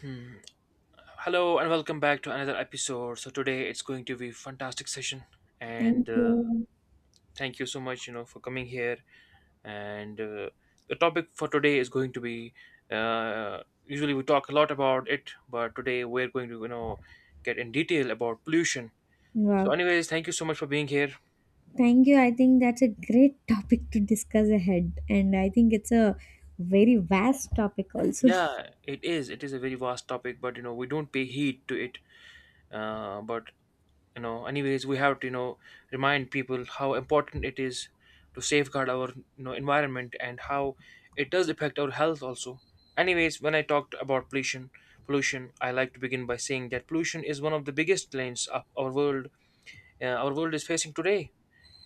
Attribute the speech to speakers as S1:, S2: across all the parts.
S1: Hmm. Hello and welcome back to another episode. So today it's going to be fantastic session,
S2: Thank
S1: and
S2: you.
S1: thank you so much, you know, for coming here. And the topic for today is going to be. Uh, usually we talk a lot about it, but today we're going to, you know, get in detail about pollution. So,
S2: Wow.
S1: anyways, thank you so much for being here.
S2: Thank you. I think that's a great topic to discuss ahead. And I think it's a very vast topic also.
S1: Yeah, it is. It is a very vast topic, but you know we don't pay heed to it. But you know anyways we have to you know remind people how important it is to safeguard our you know environment and how it does affect our health also. Anyways, when I talked about pollution, I like to begin by saying that pollution is one of the biggest planes of our world is facing today,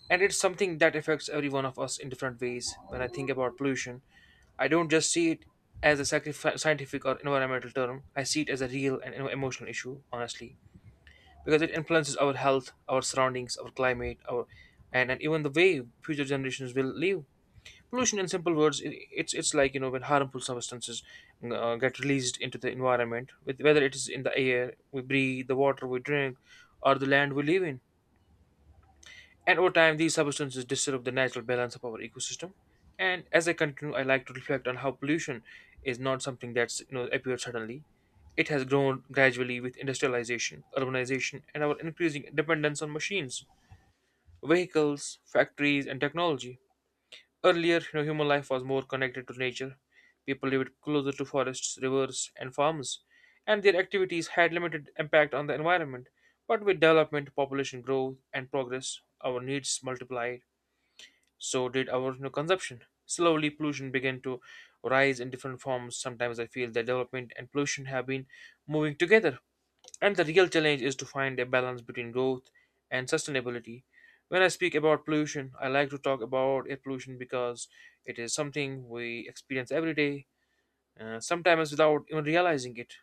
S1: and it's something that affects every one of us in different ways. When I think about pollution, I don't just see it as a scientific or environmental term. I see it as a real and emotional issue, honestly, because it influences our health, our surroundings, our climate, our and even the way future generations will live. Pollution, in simple words, it's like you know when harmful substances get released into the environment, with whether it is in the air we breathe, the water we drink, or the land we live in, and over time, these substances disturb the natural balance of our ecosystem. And as I continue, I like to reflect on how pollution is not something that's you know appeared suddenly. It has grown gradually with industrialization, urbanization, and our increasing dependence on machines, vehicles, factories, and technology. Earlier, you know, human life was more connected to nature. People lived closer to forests, rivers, and farms, and their activities had limited impact on the environment. But with development, population growth, and progress, our needs multiply, so did our, you know, consumption. Slowly, pollution began to rise in different forms. Sometimes I feel that development and pollution have been moving together. And the real challenge is to find a balance between growth and sustainability. When I speak about pollution, I like to talk about air pollution because it is something we experience every day, sometimes without even realizing it.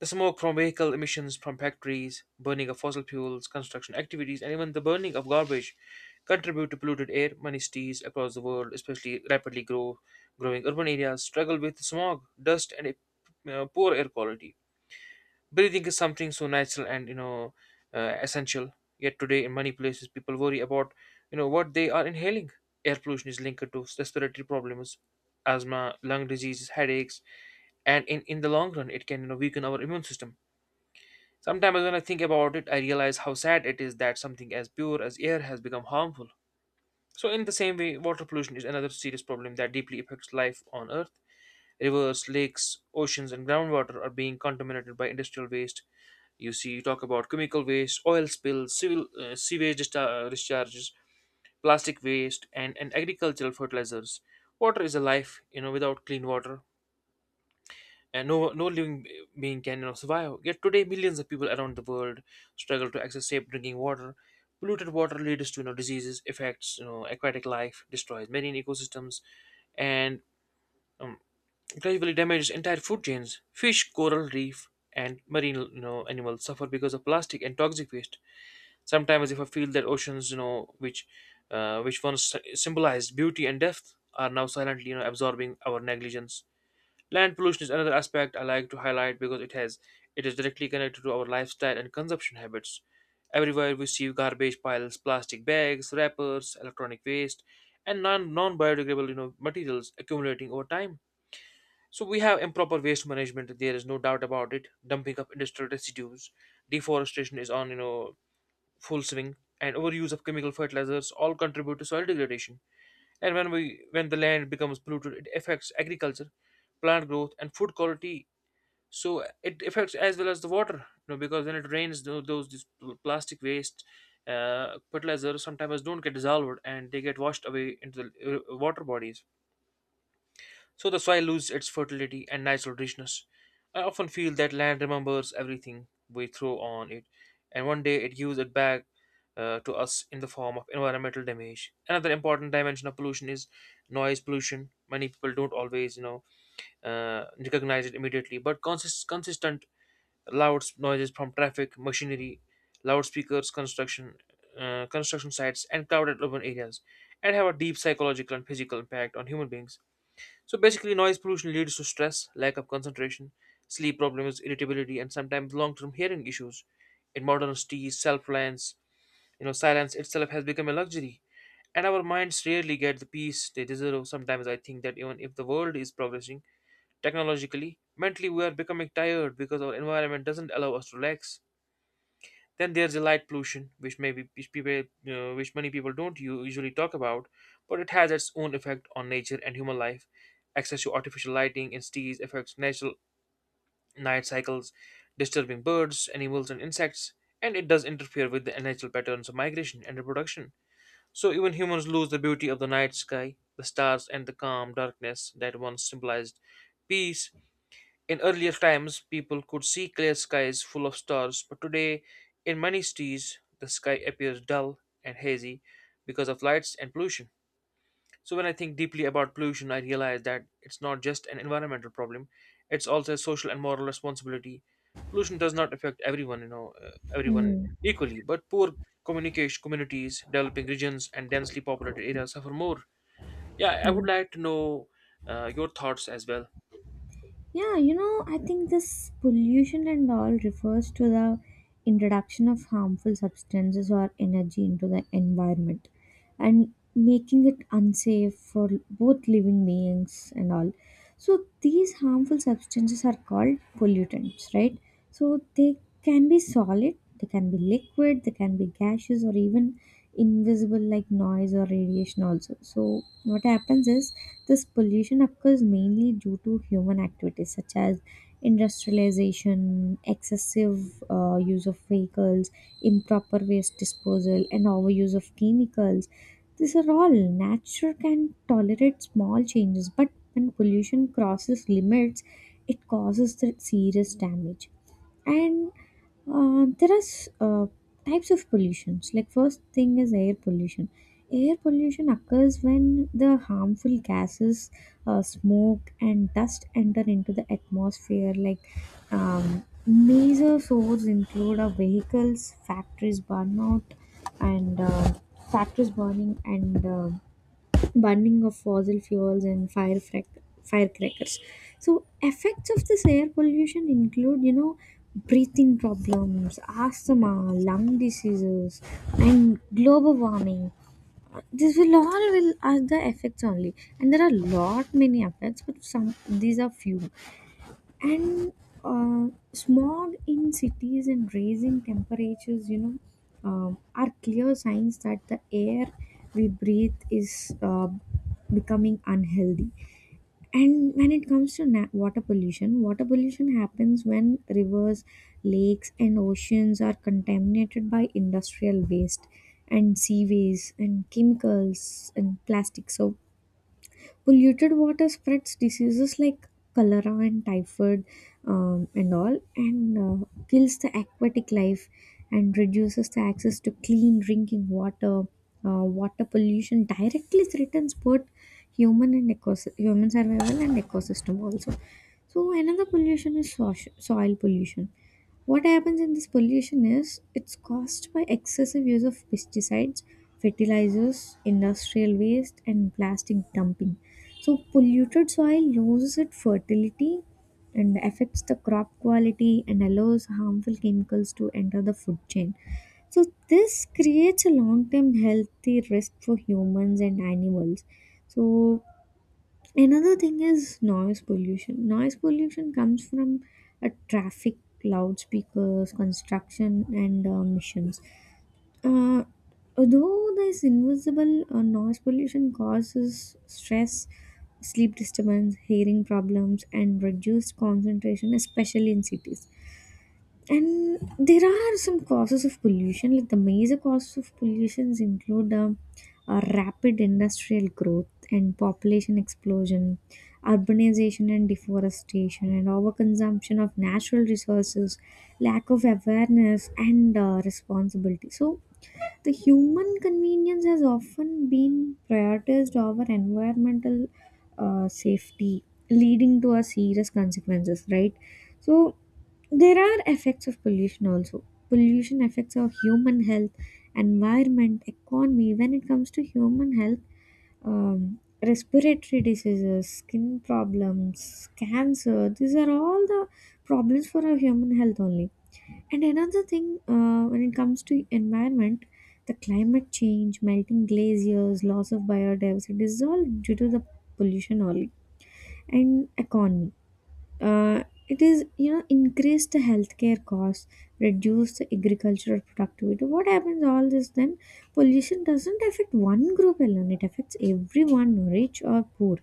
S1: The smoke from vehicle emissions from factories, burning of fossil fuels, construction activities, and even the burning of garbage contribute to polluted air. Many cities across the world, especially growing urban areas, struggle with smog, dust, and a poor air quality. Breathing is something so natural and you know essential. Yet today, in many places, people worry about you know what they are inhaling. Air pollution is linked to respiratory problems, asthma, lung diseases, headaches, and in the long run, it can, you know, weaken our immune system. Sometimes when I think about it, I realize how sad it is that something as pure as air has become harmful. So, in the same way, water pollution is another serious problem that deeply affects life on Earth. Rivers, lakes, oceans, and groundwater are being contaminated by industrial waste. You see, you talk about chemical waste, oil spills, discharges, plastic waste, and agricultural fertilizers. Water is a life, you know, without clean water, and no living being can, you know, survive. Yet today, millions of people around the world struggle to access safe drinking water. Polluted water leads to you know diseases, affects you know aquatic life, destroys marine ecosystems, and um, gradually damages entire food chains. Fish, coral reef, and marine, you know, animals suffer because of plastic and toxic waste. Sometimes, if I feel that oceans, you know, which once symbolized beauty and depth, are now silently you know absorbing our negligence. Land pollution is another aspect I like to highlight because it is directly connected to our lifestyle and consumption habits. Everywhere we see garbage piles, plastic bags, wrappers, electronic waste, and non biodegradable you know materials accumulating over time. So we have improper waste management. There is no doubt about it. Dumping of industrial residues, deforestation is on you know full swing, and overuse of chemical fertilizers all contribute to soil degradation. And when we when the land becomes polluted, it affects agriculture, plant growth, and food quality. So it affects as well as the water you know because when it rains plastic waste, fertilizer sometimes don't get dissolved and they get washed away into the water bodies. So the soil loses its fertility and natural richness. I often feel that land remembers everything we throw on it, and one day it gives it back, to us in the form of environmental damage. Another important dimension of pollution is noise pollution. Many people don't always you know recognize it immediately, but consistent loud noises from traffic, machinery, loudspeakers, construction sites, and crowded urban areas, and have a deep psychological and physical impact on human beings. So basically, noise pollution leads to stress, lack of concentration, sleep problems, irritability, and sometimes long-term hearing issues. In modern cities, self-reliance, you know, silence itself has become a luxury, and our minds rarely get the peace they deserve. Sometimes I think that even if the world is progressing technologically, mentally we are becoming tired because our environment doesn't allow us to relax. Then there's the light pollution, which many people don't usually talk about, but it has its own effect on nature and human life. Access to artificial lighting in cities affects natural night cycles, disturbing birds, animals, and insects, and it does interfere with the natural patterns of migration and reproduction. So even humans lose the beauty of the night sky, the stars, and the calm darkness that once symbolized peace. In earlier times, people could see clear skies full of stars, but today, in many cities, the sky appears dull and hazy because of lights and pollution. So, when I think deeply about pollution, I realize that it's not just an environmental problem, it's also a social and moral responsibility. Pollution does not affect everyone, you know, everyone
S2: Mm.
S1: equally, but poor communication communities, developing regions, and densely populated areas suffer more. Yeah, I would
S2: Yes.
S1: like to know your thoughts as well.
S2: Yeah, you know, I think this pollution and all refers to the introduction of harmful substances or energy into the environment and making it unsafe for both living beings and all. So, these harmful substances are called pollutants, right? So, they can be solid, they can be liquid, they can be gaseous, or even invisible like noise or radiation, also. So, what happens is this pollution occurs mainly due to human activities such as industrialization, excessive use of vehicles, improper waste disposal, and overuse of chemicals. These are all nature can tolerate small changes, but when pollution crosses limits, it causes the serious damage. And there are s- Types of pollutions. Like first thing is air pollution. Air pollution occurs when the harmful gases, smoke and dust enter into the atmosphere. Like major sources include our vehicles, and uh, factories burning and burning of fossil fuels and firecrackers. So effects of this air pollution include, you know, breathing problems, asthma, lung diseases, and global warming. This will all will are the effects only, and there are lot many effects, but some these are few and uh, smog in cities and raising temperatures you know are clear signs that the air we breathe is becoming unhealthy. And when it comes to water pollution, water pollution happens when rivers, lakes and oceans are contaminated by industrial waste and seaways and chemicals and plastics. So polluted water spreads diseases like cholera and typhoid, and all, and uh, kills the aquatic life and reduces the access to clean drinking water. Water pollution directly threatens both human survival and ecosystem also. So another pollution is soil pollution. What happens in this pollution is it's caused by excessive use of pesticides, fertilizers, industrial waste, and plastic dumping. So, polluted soil loses its fertility and affects the crop quality and allows harmful chemicals to enter the food chain. So, this creates a long term healthy risk for humans and animals. So, another thing is noise pollution. Noise pollution comes from traffic, loudspeakers, construction, and emissions. Uh, Although this invisible noise pollution causes stress, sleep disturbance, hearing problems, and reduced concentration, especially in cities. And there are some causes of pollution. Like the major causes of pollutions include rapid industrial growth and population explosion, urbanization and deforestation and overconsumption of natural resources, lack of awareness and responsibility. So the human convenience has often been prioritized over environmental safety, leading to a serious consequences, right? So there are effects of pollution also. Pollution affects our human health, environment, economy. When it comes to human health, um, respiratory diseases, skin problems, cancer, these are all the problems for our human health only. And another thing, when it comes to environment, the climate change, melting glaciers, loss of biodiversity, this is all due to the pollution only. And economy. It is, you know, increase the healthcare costs, reduce the agricultural productivity. What happens all this then? Pollution doesn't affect one group alone; it affects everyone, rich or poor.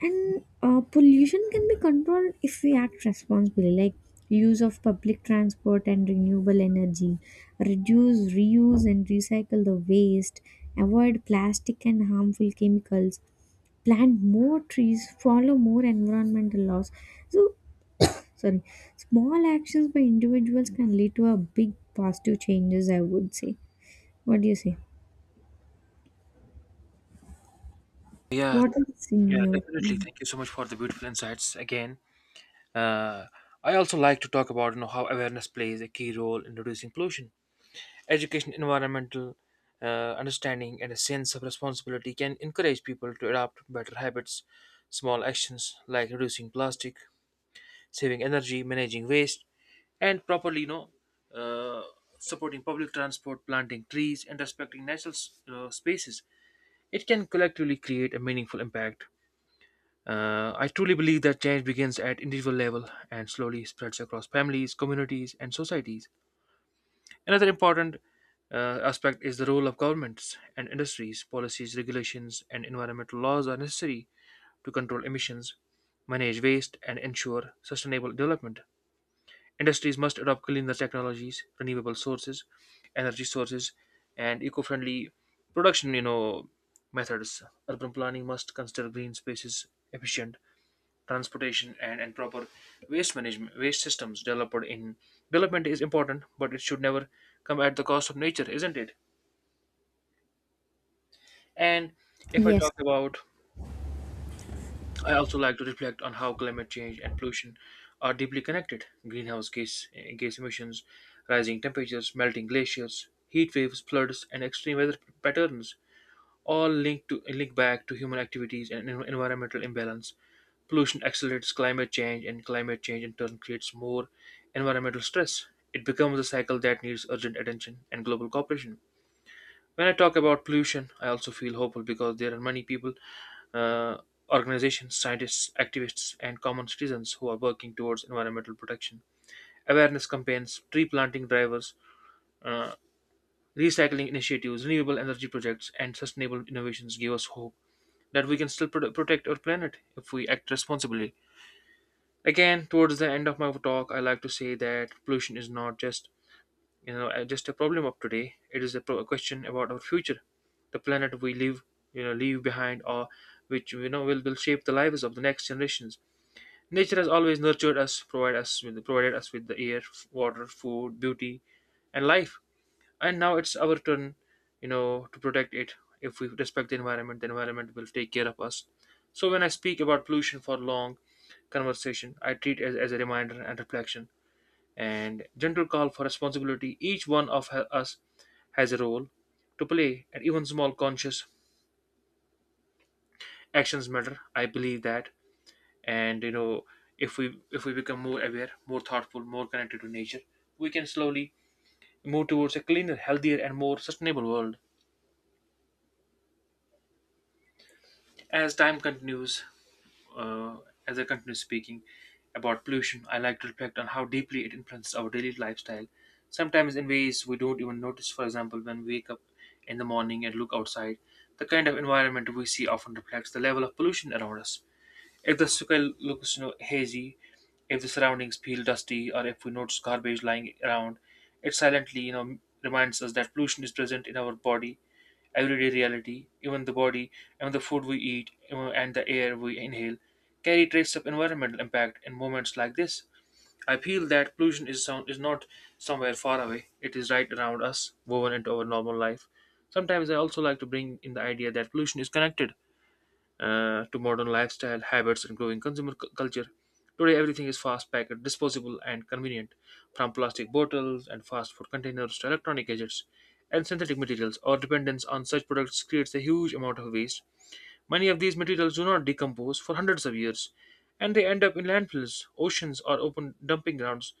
S2: And Pollution can be controlled if we act responsibly, like use of public transport and renewable energy, reduce, reuse, and recycle the waste, avoid plastic and harmful chemicals, plant more trees, follow more environmental laws. So sorry, small actions by individuals can lead to a big positive changes, I would say. What do you say?
S1: Yeah,
S2: What is in
S1: Yeah,
S2: your
S1: definitely.
S2: opinion?
S1: Thank you so much for the beautiful insights again. Uh, I also like to talk about you know how awareness plays a key role in reducing pollution. Education, environmental understanding, and a sense of responsibility can encourage people to adopt better habits. Small actions like reducing plastic, saving energy, managing waste, and properly you know uh, supporting public transport, planting trees, and respecting natural spaces. It can collectively create a meaningful impact. I truly believe that change begins at individual level and slowly spreads across families, communities, and societies. Another important aspect is the role of governments and industries. Policies, regulations, and environmental laws are necessary to control emissions, manage waste, and ensure sustainable development. Industries must adopt cleaner technologies, energy sources, and eco-friendly production, you know, methods. Urban planning must consider green spaces, efficient transportation, and proper waste systems developed in development is important, but it should never come at the cost of nature, isn't it? And if I
S2: Yes,
S1: talk about, I also like to reflect on how climate change and pollution are deeply connected. Gas emissions, rising temperatures, melting glaciers, heat waves, floods, and extreme weather patterns, all linked back to human activities and environmental imbalance. Pollution accelerates climate change, and climate change in turn creates more environmental stress. It becomes a cycle that needs urgent attention and global cooperation. When I talk about pollution, I also feel hopeful because there are many people, uh, organizations, scientists, activists, and common citizens who are working towards environmental protection. Awareness campaigns, tree planting drivers, uh, recycling initiatives, renewable energy projects, and sustainable innovations give us hope that we can still protect our planet if we act responsibly. Again, towards the end of my talk, I like to say that pollution is not just just a problem of today. It is a, a question about our future, the planet we live you know leave behind, or which you know will shape the lives of the next generations. Nature has always nurtured us, provided us with the air, water, food, beauty, and life. And now it's our turn to protect it. If we respect the environment, the environment will take care of us. So when I speak about pollution for long conversation, I treat as a reminder and reflection and gentle call for responsibility. Each one of us has a role to play, and even small conscious actions matter. I believe that. And if we become more aware, more thoughtful, more connected to nature, we can slowly move towards a cleaner, healthier, and more sustainable world. As time continues, uh, as I continue speaking about pollution, I like to reflect on how deeply it influences our daily lifestyle, sometimes in ways we don't even notice. For example, when we wake up in the morning and look outside, the kind of environment we see often reflects the level of pollution around us. If the sky looks hazy, if the surroundings feel dusty, or if we notice garbage lying around, it silently reminds us that pollution is present in our body, everyday reality, even the body, even the food we eat, even- and the air we inhale, carry traces of environmental impact. In moments like this, I feel that pollution is sound, is not somewhere far away. It is right around us, woven into our normal life. Sometimes I also like to bring in the idea that pollution is connected to modern lifestyle habits and growing consumer culture. Today, everything is fast packed, disposable, and convenient, from plastic bottles and fast food containers to electronic gadgets and synthetic materials. Our dependence on such products creates a huge amount of waste. Many of these materials do not decompose for hundreds of years, and they end up in landfills, oceans, or open dumping grounds.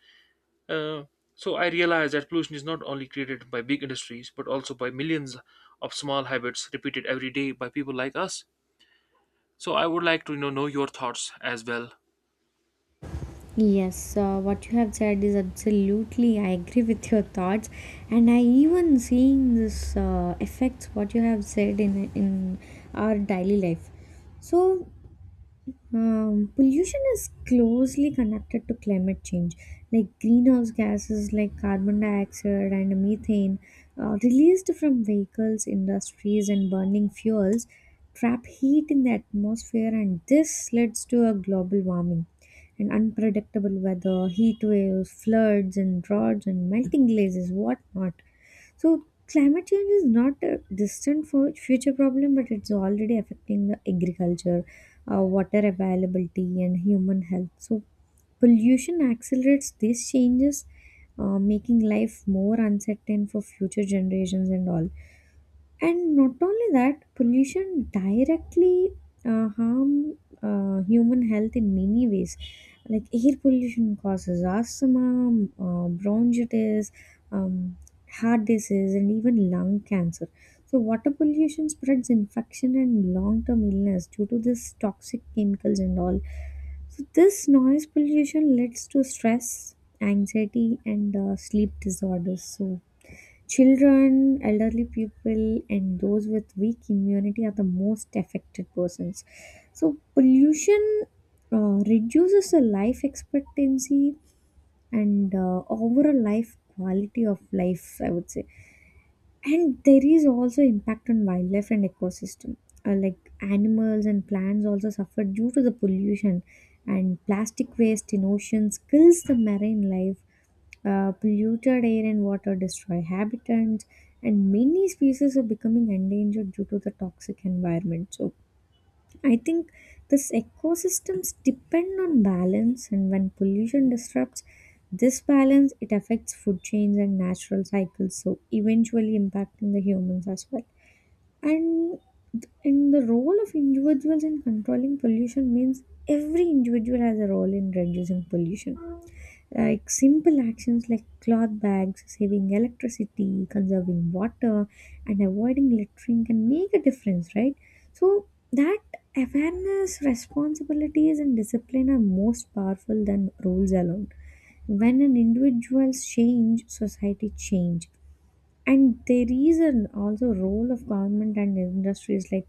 S1: Uh, so I realize that pollution is not only created by big industries but also by millions of small habits repeated every day by people like us. So I would like to know your thoughts as well.
S2: yes, what you have said is absolutely, I agree with your thoughts, and I even seeing this effects what you have said in our daily life. So pollution is closely connected to climate change. Like greenhouse gases like carbon dioxide and methane released from vehicles, industries, and burning fuels trap heat in the atmosphere, and this leads to a global warming and unpredictable weather, heat waves, floods, and droughts, and melting glaciers, whatnot. So climate change is not a distant for future problem, but it's already affecting the agriculture, water availability, and human health. So pollution accelerates these changes, making life more uncertain for future generations and all. And not only that, pollution directly harm human health in many ways. Like air pollution causes asthma, bronchitis, um, heart disease, and even lung cancer. So water pollution spreads infection and long-term illness due to this toxic chemicals and all. So this noise pollution leads to stress, anxiety, and sleep disorders. So children, elderly people, and those with weak immunity are the most affected persons. So, pollution reduces the life expectancy and overall life quality of life, I would say. And there is also impact on wildlife and ecosystem. Like animals and plants also suffer due to the pollution, and plastic waste in oceans kills the marine life. Polluted air and water destroy habitats, and many species are becoming endangered due to the toxic environment. So I think this ecosystems depend on balance, and when pollution disrupts this balance, it affects food chains and natural cycles, so eventually impacting the humans as well. And in the role of individuals in controlling pollution means every individual has a role in reducing pollution. Like simple actions like cloth bags, saving electricity, conserving water, and avoiding littering can make a difference, right? So that awareness, responsibilities and discipline are most powerful than rules alone. When an individual's change, society change. And there is an also role of government and industries. Like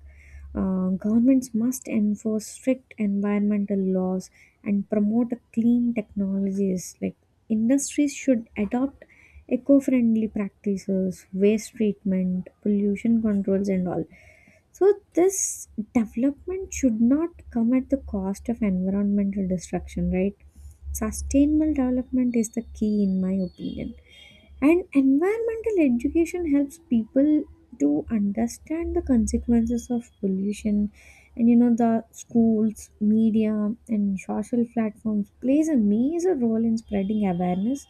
S2: governments must enforce strict environmental laws and promote clean technologies. Like industries should adopt eco-friendly practices, waste treatment, pollution controls and all. So this development should not come at the cost of environmental destruction, right? Sustainable development is the key in my opinion. And environmental education helps people to understand the consequences of pollution. And you know, the schools, media, and social platforms plays a major role in spreading awareness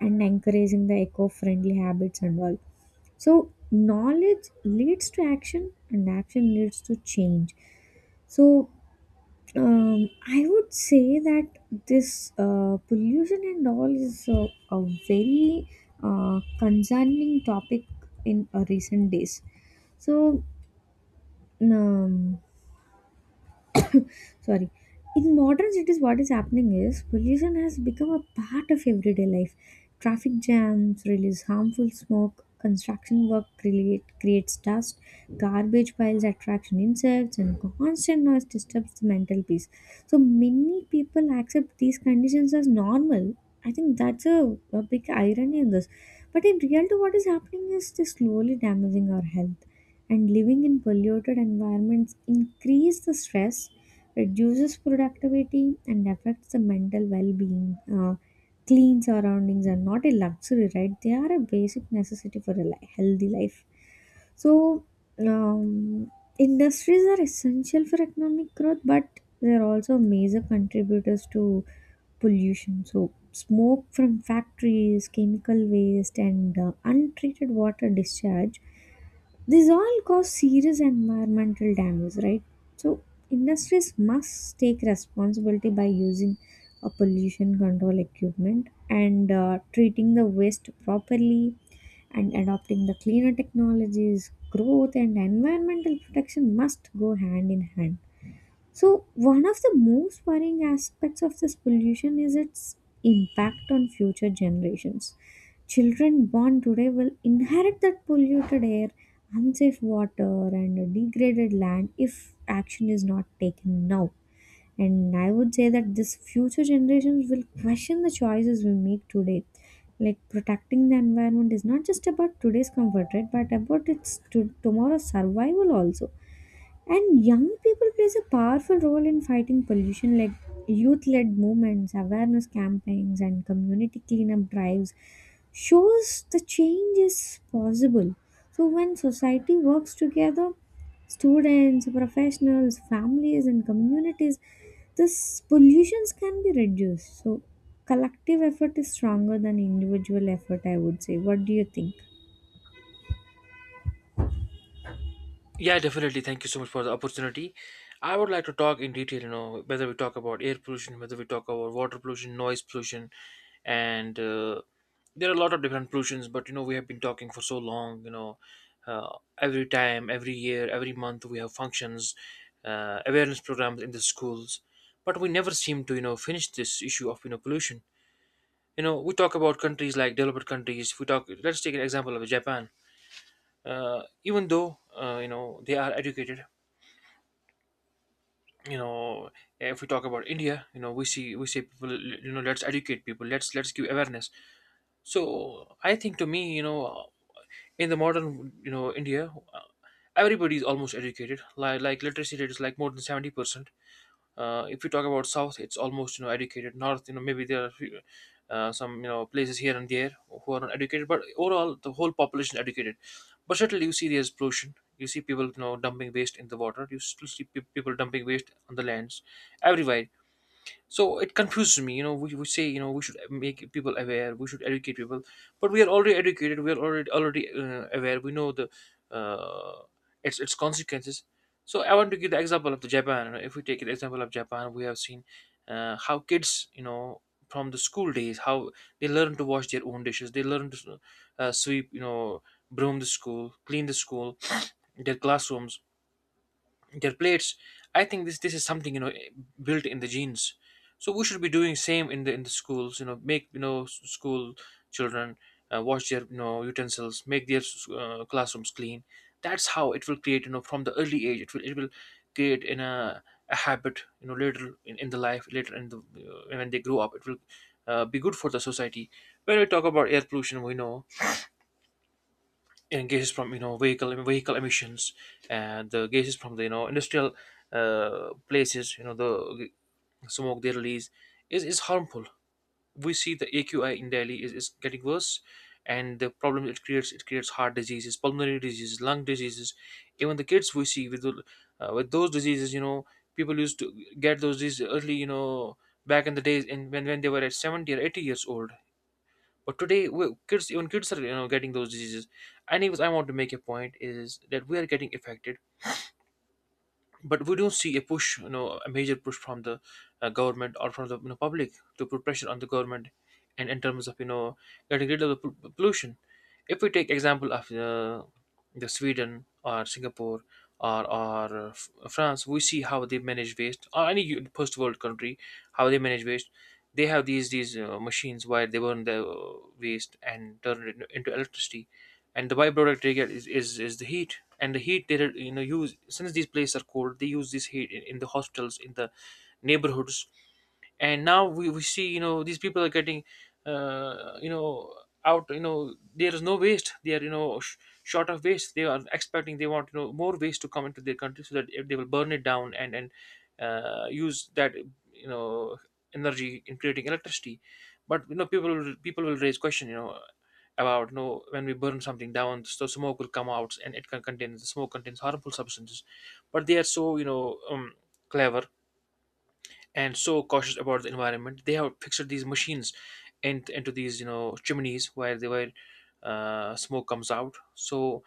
S2: and encouraging the eco-friendly habits and all. So knowledge leads to action, and action leads to change. So I would say that this pollution and all is a very concerning topic in recent days. So, um, sorry, in modern cities what is happening is pollution has become a part of everyday life. Traffic jams release harmful smoke, creates dust, garbage piles attract insects and constant noise disturbs the mental peace. So many people accept these conditions as normal. I think that's a big irony in this. But in reality what is happening is they're slowly damaging our health, and living in polluted environments increase the stress, reduces productivity and affects the mental well-being. Clean surroundings are not a luxury, right? They are a basic necessity for a healthy life. So, um, industries are essential for economic growth, but they are also major contributors to pollution. So, smoke from factories, chemical waste, and untreated water discharge, these all cause serious environmental damage, right? So industries must take responsibility by using a pollution control equipment and treating the waste properly and adopting the cleaner technologies. Growth and environmental protection must go hand in hand. So, one of the most worrying aspects of this pollution is its impact on future generations. Children born today will inherit that polluted air, unsafe water, and degraded land if action is not taken now. And I would say that this future generations will question the choices we make today. Like protecting the environment is not just about today's comfort, right? But about its tomorrow's survival also. And young people plays a powerful role in fighting pollution. Like youth-led movements, awareness campaigns and community cleanup drives shows the change is possible. So when society works together, students, professionals, families and communities, this pollutions can be reduced. So collective effort is stronger than individual effort, I would say. What do you think?
S1: Yeah, definitely. Thank you so much for the opportunity. I would like to talk in detail, whether we talk about air pollution, whether we talk about water pollution, noise pollution, and there are a lot of different pollutions. But we have been talking for so long. Uh, every time, every year, every month, we have functions, awareness programs in the schools, but we never seem to, finish this issue of, pollution. We talk about countries like developed countries. Let's take an example of Japan. Even though, they are educated, you know if we talk about India, we see, we say people, let's educate people, let's give awareness. So I think, to me, in the modern, India, everybody is almost educated. Like literacy rate is like more than 70%. If you talk about south, it's almost, educated. North, maybe there are some, places here and there who are not educated, but overall the whole population is educated. But certainly you see there's pollution. You see people, dumping waste in the water. You still see people dumping waste on the lands, everywhere. So it confuses me. We say, we should make people aware, we should educate people. But we are already educated, we are already aware. We know the uh, its consequences. So I want to give the example of the Japan. If we take an example of Japan, we have seen how kids, from the school days, how they learn to wash their own dishes. They learn to sweep, broom the school, clean the school, their classrooms, their plates. I think this is something, built in the genes. So we should be doing same in the schools. Make school children wash their, utensils, make their classrooms clean. That's how it will create, from the early age. It will create in a habit, later in the life, later in the when they grow up. It will be good for the society. When we talk about air pollution, we know, and gases from, vehicle emissions, and the gases from the, industrial places, the smoke they release is harmful. We see the AQI in Delhi is getting worse, and the problem it creates heart diseases, pulmonary diseases, lung diseases. Even the kids we see with those diseases. People used to get those diseases early, back in the days when they were at 70 or 80 years old. But today, kids, even kids are, getting those diseases. Anyways, I want to make a point, is that we are getting affected, but we don't see a push, a major push from the government, or from the, public, to put pressure on the government, and in terms of, getting rid of the pollution. If we take example of the Sweden, or Singapore, or France, we see how they manage waste, or any first world country, how they manage waste. They have these machines where they burn the waste and turn it into electricity, and the byproduct they get is the heat. And the heat they, use. Since these places are cold, they use this heat in the hospitals, in the neighborhoods. And now we see, these people are getting, uh, you know out, there is no waste. They are, short of waste. They are expecting, they want, more waste to come into their country so that if they will burn it down, and use that, you know energy in creating electricity. But, people will raise question, about, when we burn something down, so smoke will come out, and it can contain the smoke contains harmful substances. But they are so, clever, and so cautious about the environment. They have fixed these machines into these, chimneys where they were smoke comes out. So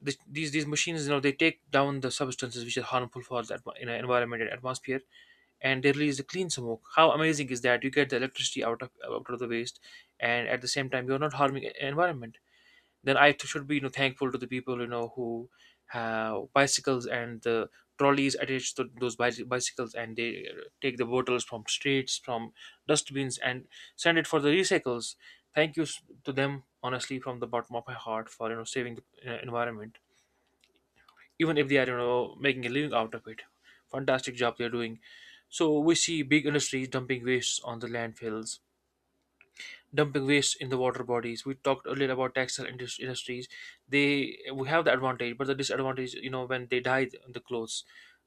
S1: these machines, they take down the substances which are harmful for the environment and atmosphere, and they release the clean smoke. How amazing is that? You get the electricity out of the waste, and at the same time you're not harming environment. Then I should be, thankful to the people, who have bicycles, and the trolleys attached to those bicycles, and they take the bottles from streets, from dustbins, and send it for the recycles. Thank you to them, honestly, from the bottom of my heart, for, saving the environment, even if they are, making a living out of it. Fantastic job they're doing. So we see big industries dumping waste on the landfills, dumping waste in the water bodies. We talked earlier about textile industries. They we have the advantage, but the disadvantage, when they dye the clothes,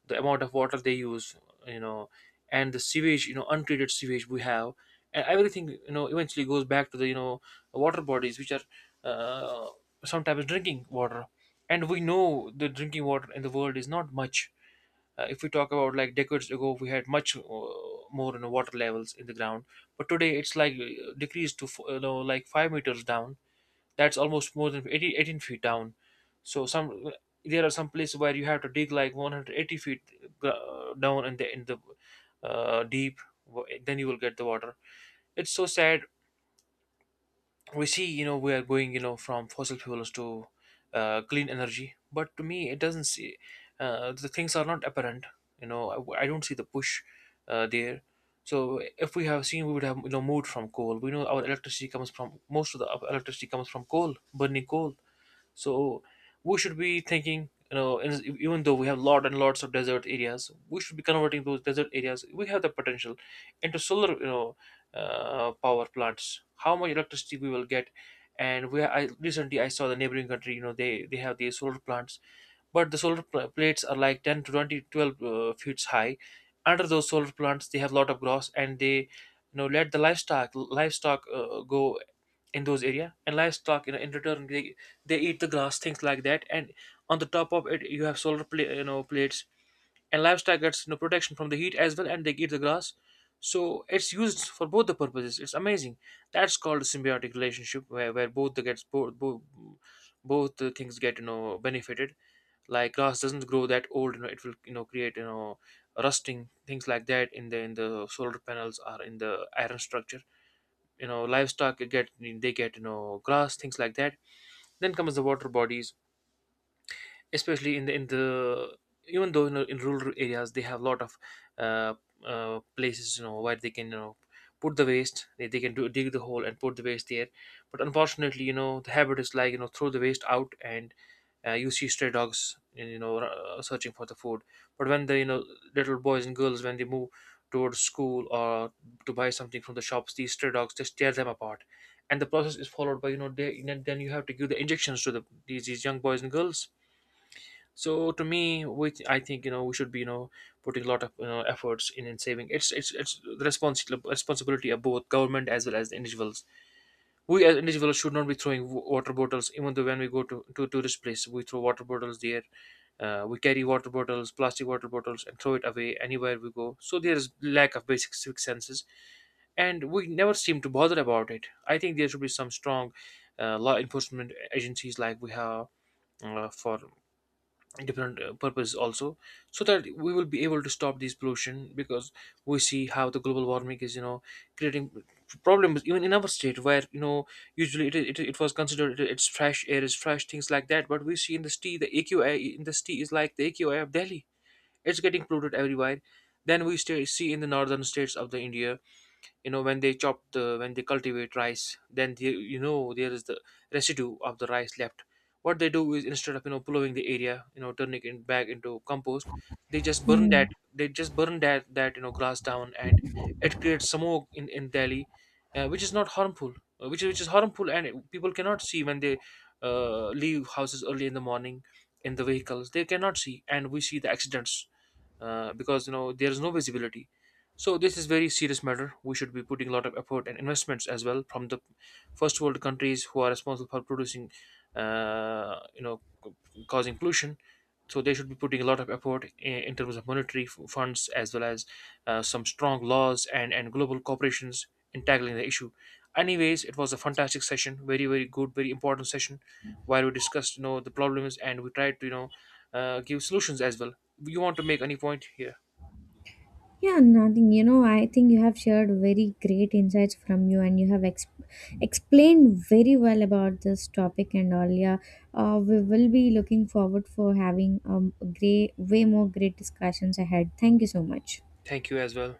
S1: the amount of water they use, you know, and the sewage, untreated sewage we have, and everything, eventually goes back to the, water bodies, which are, uh, sometimes drinking water. And we know the drinking water in the world is not much. If we talk about like decades ago, we had much, more, water levels in the ground, but today it's like, decreased to like 5 meters down. That's almost more than 80 18 feet down. So some, there are some places where you have to dig like 180 feet, down in the deep. Then you will get the water. It's so sad. We see, we are going, from fossil fuels to clean energy, but to me it doesn't see, the things are not apparent. you know I don't see the push, there. So if we have seen, we would have, moved from coal. We know our electricity comes from most of the electricity comes from coal, burning coal. So we should be thinking, and even though we have lot and lots of desert areas, we should be converting those desert areas. We have the potential into solar, power plants. How much electricity we will get? And I saw the neighboring country. They have these solar plants, but the solar plates are like 10 to 2012 feet high. Under those solar plants, they have a lot of grass, and they let the livestock go in those area. And livestock, in return, they eat the grass, things like that. And on the top of it, you have solar plates, and livestock gets protection from the heat as well, and they eat the grass. So it's used for both the purposes. It's amazing. That's called a symbiotic relationship, where both the gets, both the things get benefited. Like grass doesn't grow that old, it will create rusting things like that in the solar panels or in the iron structure. Livestock get, they get, grass, things like that. Then comes the water bodies, especially in the even though, in rural areas they have a lot of uh, places where they can put the waste. They can do dig the hole and put the waste there. But unfortunately, the habit is like, throw the waste out. And you see stray dogs, searching for the food. But when the, little boys and girls, when they move towards school or to buy something from the shops, these stray dogs just tear them apart. And the process is followed by, then you have to give the injections to these young boys and girls. So to me, which I think, we should be putting a lot of efforts in saving. It's the responsibility of both government as well as the individuals. We as individuals should not be throwing water bottles, even though when we go to tourist place, we throw water bottles there. We carry water bottles, plastic water bottles, and throw it away anywhere we go. So there is lack of basic civic senses, and we never seem to bother about it. I think there should be some strong law enforcement agencies, like we have, for different purpose also, so that we will be able to stop this pollution, because we see how the global warming is, creating problems even in our state, where, usually it was considered, it's fresh air, is fresh, things like that. But we see in the city, the AQI in the city is like the AQI of Delhi. It's getting polluted everywhere. Then we see in the northern states of the India. When they chop the when they cultivate rice, then there is the residue of the rice left. What they do is, instead of plowing the area, turning it back into compost. they just burn
S2: Hmm.
S1: that they just burn that grass down, and it creates smoke in Delhi, which is not harmful, which is harmful, and people cannot see when they leave houses early in the morning. In the vehicles, they cannot see, and we see the accidents, because, there is no visibility. So this is very serious matter. We should be putting a lot of effort and investments as well from the first world countries who are responsible for producing, uh, you know, c- causing pollution. So they should be putting a lot of effort in terms of monetary funds as well as some strong laws, and global corporations, in tackling the issue. Anyways, it was a fantastic session, very very good, very important session, where we discussed, the problems, and we tried to, give solutions as well. You want to make any point here?
S2: Yeah, nothing. You know, I think you have shared very great insights from you, and you have explained very well about this topic and all. Yeah, we will be looking forward for having great, way more great discussions ahead. Thank you so much.
S1: Thank you as well.